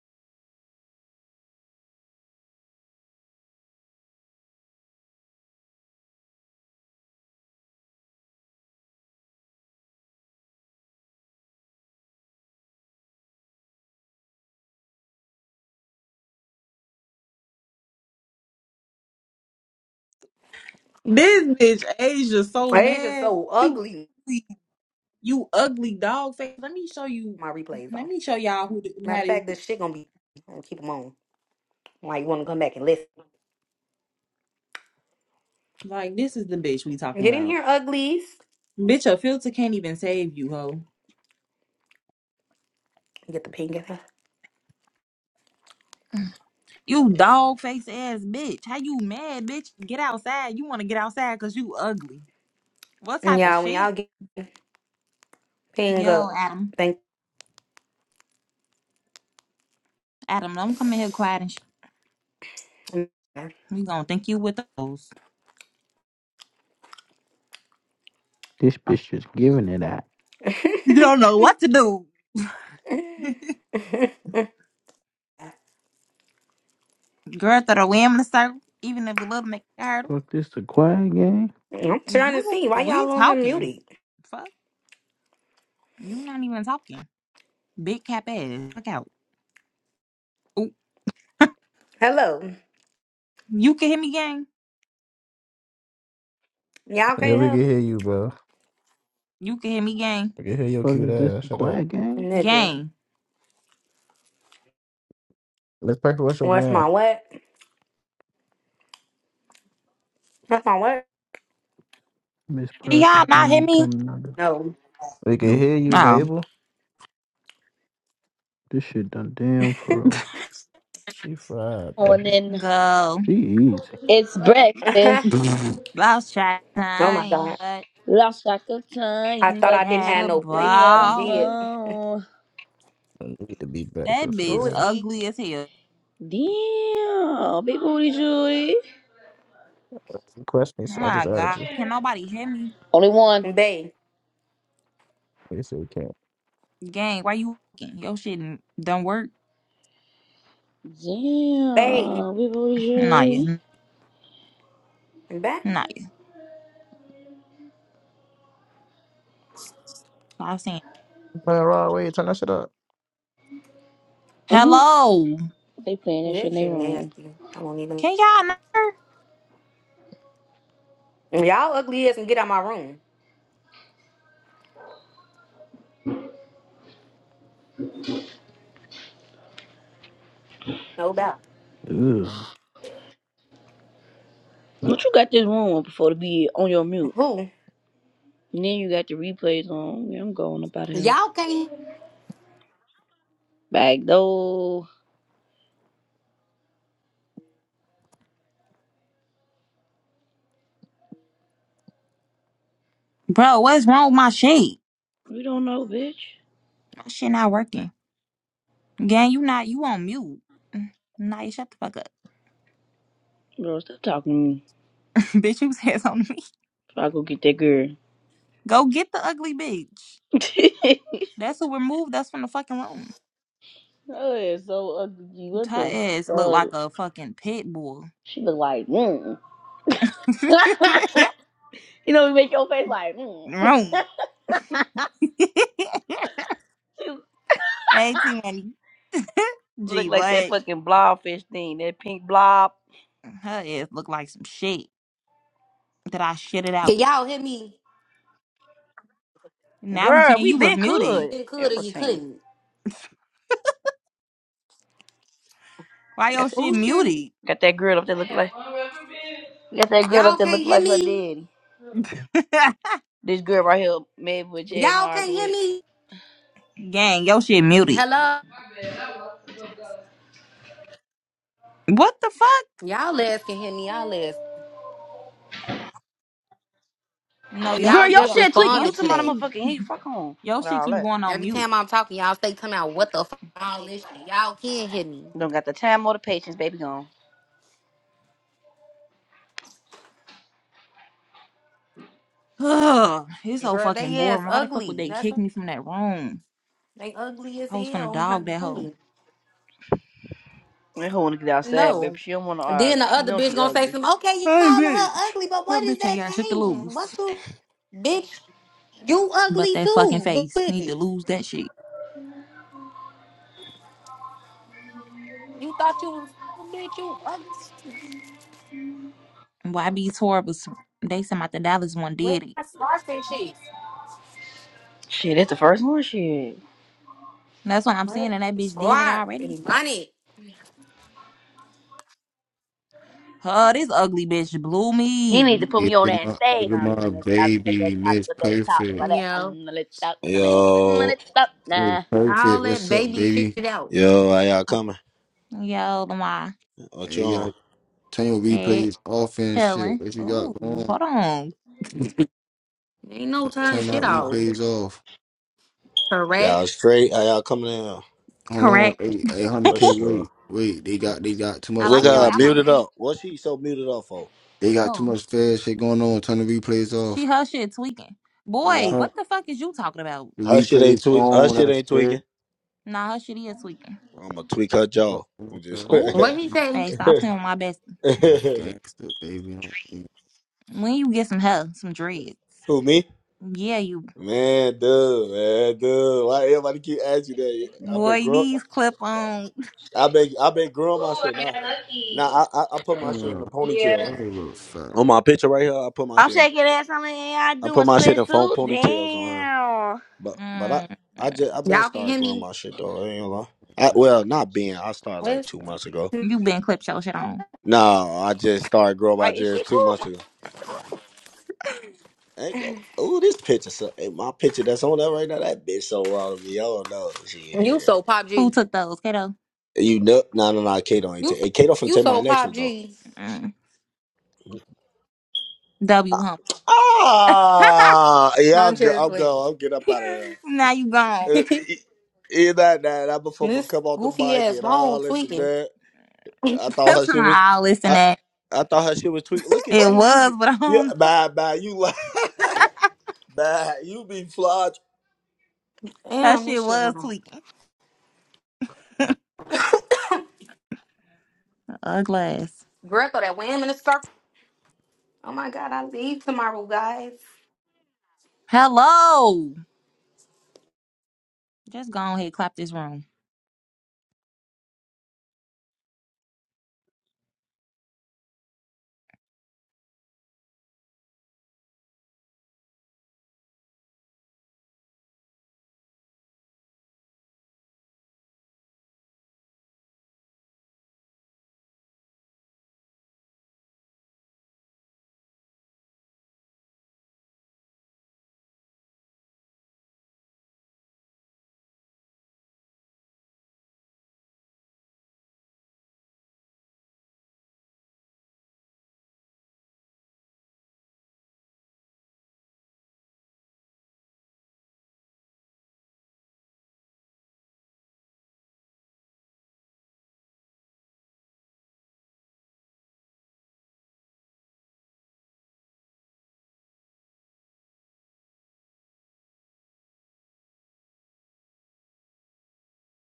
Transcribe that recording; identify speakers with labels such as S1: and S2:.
S1: This bitch Asia so
S2: It's just
S1: mad.
S2: so
S1: You
S2: ugly.
S1: ugly, you ugly dog face. Let me show you.
S2: My replays
S1: Let
S2: on.
S1: me show y'all who who
S2: Matter
S1: had
S2: of
S1: this.
S2: fact, this shit gonna be. I'm gonna keep them on. Why you wanna come back and listen?
S1: Like this is the bitch we talking
S2: Get in
S1: about.
S2: here, uglies.
S1: Bitch, a filter can't even save you, ho.
S2: Get the ping up.
S1: You dog face ass bitch. How you mad, bitch? Get outside. You want to get outside because you ugly. What
S2: And
S1: type of
S2: y'all, when
S1: shit?
S2: y'all get ping
S1: Yo,
S2: up,
S1: Adam.
S2: thank.
S1: Adam, don't come in here quiet and sh- We gonna think you with those.
S3: This bitch just giving it at.
S1: You don't know what to do. Girl, throw the wind in the circle. Even if a little make it hard.
S3: Fuck this the quiet game?
S2: I'm trying to
S1: You
S2: see
S1: the-
S2: why
S1: we
S2: y'all on him
S1: talking.
S2: muted.
S1: Fuck. You not even talking. Big cap ass. Fuck out. Ooh.
S2: Hello,
S1: You can hear me, gang.
S2: y'all
S4: Yeah,
S2: can't
S4: we can
S2: help,
S4: hear you, bro.
S1: You can hear me, gang.
S4: We can hear your
S3: Fuck
S4: cute
S3: is this
S4: ass.
S3: the
S4: Shut up.
S3: quiet game?
S2: nigga.
S1: Gang.
S4: Let's practice what's your
S2: What's
S4: gun.
S2: my what? What's my what?
S3: Miss
S1: Can y'all
S3: Perfect, let
S1: not hear
S3: me
S1: me?
S3: come another.
S2: No.
S4: We can
S3: Nope,
S4: hear you,
S1: Oh.
S4: Mabel.
S3: this shit done damn for
S4: She fried, bro.
S5: morning.
S1: Go.
S3: She easy.
S5: It's breakfast.
S2: oh
S1: Lost track of
S2: my
S1: time,
S2: god.
S1: but
S5: Lost track of
S2: I
S5: time,
S2: thought
S5: but
S2: I didn't
S1: had
S2: have
S1: a
S2: no
S5: we
S2: plate.
S5: had
S2: I
S5: a
S1: ball.
S2: did.
S5: mo.
S4: I need to be back
S1: That
S4: for
S2: Who
S1: bitch
S2: is
S4: sure.
S2: E?
S1: ugly as hell.
S5: Damn, big booty Judy.
S4: You Question me, so I
S1: My
S4: just added
S1: God.
S4: you.
S1: Can nobody hear me?
S5: Only one.
S2: Bay.
S4: They said we can't.
S1: Gang, why you walking? Your shit don't work.
S2: Bay.
S5: Damn, big booty
S1: Nah, yeah.
S5: Judy.
S2: Bay.
S1: Nah, yeah. Stop saying.
S4: You Playing raw way. Turn that shit up.
S5: hmm
S1: Hello.
S5: They playing that shit
S2: That
S5: in their
S2: shit
S5: room.
S2: nasty. I won't even.
S1: Can y'all not? hear?
S2: Y'all ugly ass can get out my room. No doubt.
S3: Ugh.
S5: But you got this room before to be on your mute.
S2: Who?
S5: And then you got the replays on. Yeah, I'm going up out of here.
S2: Y'all can't.
S5: Back though.
S1: Bro, what's wrong with my shit?
S5: We don't know, bitch.
S1: My shit not working. Gang, you not you on mute. Nah, you shut the fuck up.
S5: Bro, stop talking to me.
S1: bitch, you said something to me.
S5: So I go get that girl.
S1: Go get the ugly bitch. That's who removed us from the fucking room.
S5: That is so ugly. G. What
S1: Her
S5: the
S1: ass look like
S5: fuck?
S1: a fucking pit bull.
S5: She look like, mm. you know, you make your face like, mm.
S1: room.
S5: She
S1: hey T Money.
S5: look
S1: Gee,
S5: like that
S1: what?
S5: fucking blobfish thing, that pink blob.
S1: Her ass look like some shit that I shitted
S2: Can
S1: out.
S2: y'all hear me?
S1: Now we
S5: Girl,
S1: can't
S5: we
S1: you was
S5: been
S1: muted.
S5: good.
S2: You could or you
S5: Everything.
S2: couldn't.
S1: Why
S5: Got
S1: your
S5: that,
S1: shit
S2: Who should?
S1: muted?
S5: got that girl up there look like. Got that girl up
S2: Y'all
S5: there look
S2: can't hear
S5: like her
S2: me.
S5: daddy. This girl right here, made with Jazz
S2: Y'all can't
S5: argue
S2: hear
S5: with.
S2: me.
S1: Gang, your shit muted.
S2: Hello.
S1: What the fuck?
S2: Y'all ass can hear me. Y'all ass.
S1: No, yo
S5: Girl,
S2: Y'all
S1: keep
S5: your
S2: just
S1: yo
S5: shit tweaking.
S1: yo
S5: You
S2: responded
S5: talking
S2: to
S1: shit
S5: about a
S1: keep
S2: that.
S5: motherfucking heat. Fuck on
S1: yo
S5: with
S1: shit
S5: all
S1: keep
S5: that.
S1: going on
S2: Every
S1: mute.
S2: time I'm talking, y'all say come out. What the fuck? All this shit. Y'all can hear me.
S5: Don't got the time or the patience, baby. Gone.
S1: Ugh, it's so
S2: Girl,
S1: fucking
S2: they ass
S1: boring. Why the fuck would
S2: ugly.
S1: they
S2: That's
S1: kick me from that room?
S2: they ugly as
S1: I was gonna
S2: hell. My
S1: dog that hoe.
S2: dummy.
S5: I don't want to get outside, baby.
S2: No.
S5: She don't want to argue.
S2: Then the
S5: She
S2: other
S5: knows
S2: bitch
S5: she
S2: gonna say
S5: ugly.
S2: some. Okay, you
S1: Hey
S2: calling her
S1: bitch.
S2: ugly, but
S1: That
S2: what is
S1: bitch
S2: that
S1: ain't got shit to
S2: changing?
S1: lose.
S2: What you, bitch? You
S1: But
S2: ugly
S1: that fucking
S2: too, b-
S1: face need to
S2: bitches.
S1: lose that shit.
S2: You thought you was "Oh, bitch. You ugly.
S1: Why be horrible? They said about the Dallas one
S2: Wear
S1: did it.
S2: a scarf and shit.
S5: Shit, that's the first one. Shit.
S1: That's what I'm
S2: Wear
S1: saying, and that bitch did it
S2: Scarf
S1: already.
S2: and bonnet.
S1: Huh, this ugly bitch blew
S5: He need
S1: me.
S5: to put me
S6: Look
S5: on
S6: at
S5: that
S6: my, look
S5: stage.
S6: at
S5: I'm
S6: my
S5: gonna stop with that
S6: baby,
S5: top,
S6: Miss
S5: with that top,
S2: You
S5: with
S6: Perfect.
S5: that.
S2: know
S5: I'm gonna stop, I'm
S7: Yo,
S5: gonna stop
S6: Miss
S5: now.
S6: Perfect,
S2: all that
S6: what's up,
S2: baby shit
S6: baby?
S2: out.
S7: yo, how y'all coming?
S1: Yo, my
S7: What
S6: Hey,
S7: you
S6: you
S7: on?
S6: gotta turn your
S1: shit
S6: replays off and shit.
S1: chilling.
S6: What you got
S1: Oh,
S6: going?
S1: hold on.
S2: Ain't no
S7: Oh,
S2: turning
S6: Turn that
S2: shit
S7: fuck no.
S2: off.
S6: replays off.
S2: Correct.
S7: Y'all straight? How y'all coming in? here?
S6: Hold on,
S1: Correct.
S6: eight eight hundred
S7: For
S6: k. Wait,
S7: sure.
S6: wait. They got they got too
S1: I
S6: much
S7: Look
S1: like
S7: at
S1: your
S6: fair
S7: her,
S6: shit.
S7: muted
S1: outfit.
S7: up. What she so muted up for?
S6: They got too
S1: Who?
S6: much fair shit going on. Turn the replays
S1: She
S6: off.
S1: her shit tweaking.
S7: Nah,
S1: Boy,
S6: Turn
S1: what the fuck is you talking about?
S6: the
S7: her shit ain't
S6: replays
S7: tweak. Her
S6: on.
S7: shit
S6: That's
S7: ain't
S6: fair.
S7: tweaking.
S1: Nah, her shit is tweaking.
S7: I'ma tweak her
S6: Oh,
S7: jaw. I'm
S6: I'm
S7: just.
S1: Ooh.
S2: What he say?
S1: Hey, stop playing with my best.
S6: a gangster, baby.
S1: When you get some hair, some dreads.
S7: Who me?
S1: Yeah, you
S7: Man, dude, man, dude. Why everybody keep asking you that? I been
S1: boy,
S7: growing.
S1: these clip on.
S7: I been, I been growing my
S5: Ooh,
S7: shit.
S5: I
S7: Nah,
S5: got lucky.
S7: nah. I, I, I put
S6: I
S7: my shit in the
S6: don't
S7: ponytail.
S5: Yeah.
S6: give a fuck.
S7: On my picture right here, I put my
S5: I'm
S7: shit in
S5: shaking ass. I'm like, yeah, I
S7: I
S5: doing
S7: put my shit
S5: split
S7: in phone
S5: suit.
S7: ponytails on. Huh?
S5: Damn.
S7: But but I
S1: Mm,
S7: I just I been
S2: Y'all can
S7: started
S2: hear
S7: growing
S2: me.
S7: my shit though. I ain't gonna lie. I, well, not being. I started like
S2: What's-
S7: two months ago.
S1: you been clipped your shit on.
S7: No, I just started growing my
S5: Like, is she
S7: dreads two
S5: cool?
S7: months ago. Ain't go. Ooh, this picture. So, hey, my picture that's on that right now. That bitch so wrong to me. I don't know.
S2: You so
S7: Shit.
S2: pop
S1: Who
S2: G.
S1: took those, kiddo?
S7: You know? No, no, no. Kato ain't
S2: You
S7: take. Hey, Kato finna
S2: you
S7: take my
S2: so
S7: next
S2: pop
S7: one though.
S2: G.
S1: Mm, w
S7: Ah,
S1: hump.
S7: ah, yeah. I'll
S2: I'm
S7: go.
S2: just
S7: I'll
S2: playing.
S7: go. I'll get up out of here.
S1: now you gone.
S7: Uh, e- Either that, that, that
S2: And
S7: motherfucker
S2: This
S7: come off the
S2: goofy
S7: mic
S2: ass
S7: and
S2: phone
S7: all this and
S2: tweaking.
S7: that. I thought
S1: That's
S7: her shit
S1: not
S7: was.
S1: all listen
S7: I
S1: that.
S7: I thought her shit was tweaked. Look at
S1: It
S7: you, you
S1: was,
S7: be
S1: but I
S7: you
S1: don't know.
S7: bye bye you like bye you be flawed
S1: that
S2: Damn,
S1: shit
S2: this shit
S1: was
S2: on.
S1: tweaking. Ugly ass.
S2: Greco, that wham in the circle. Oh my god, I leave tomorrow, guys.
S1: Hello. Just go on ahead, clap this room.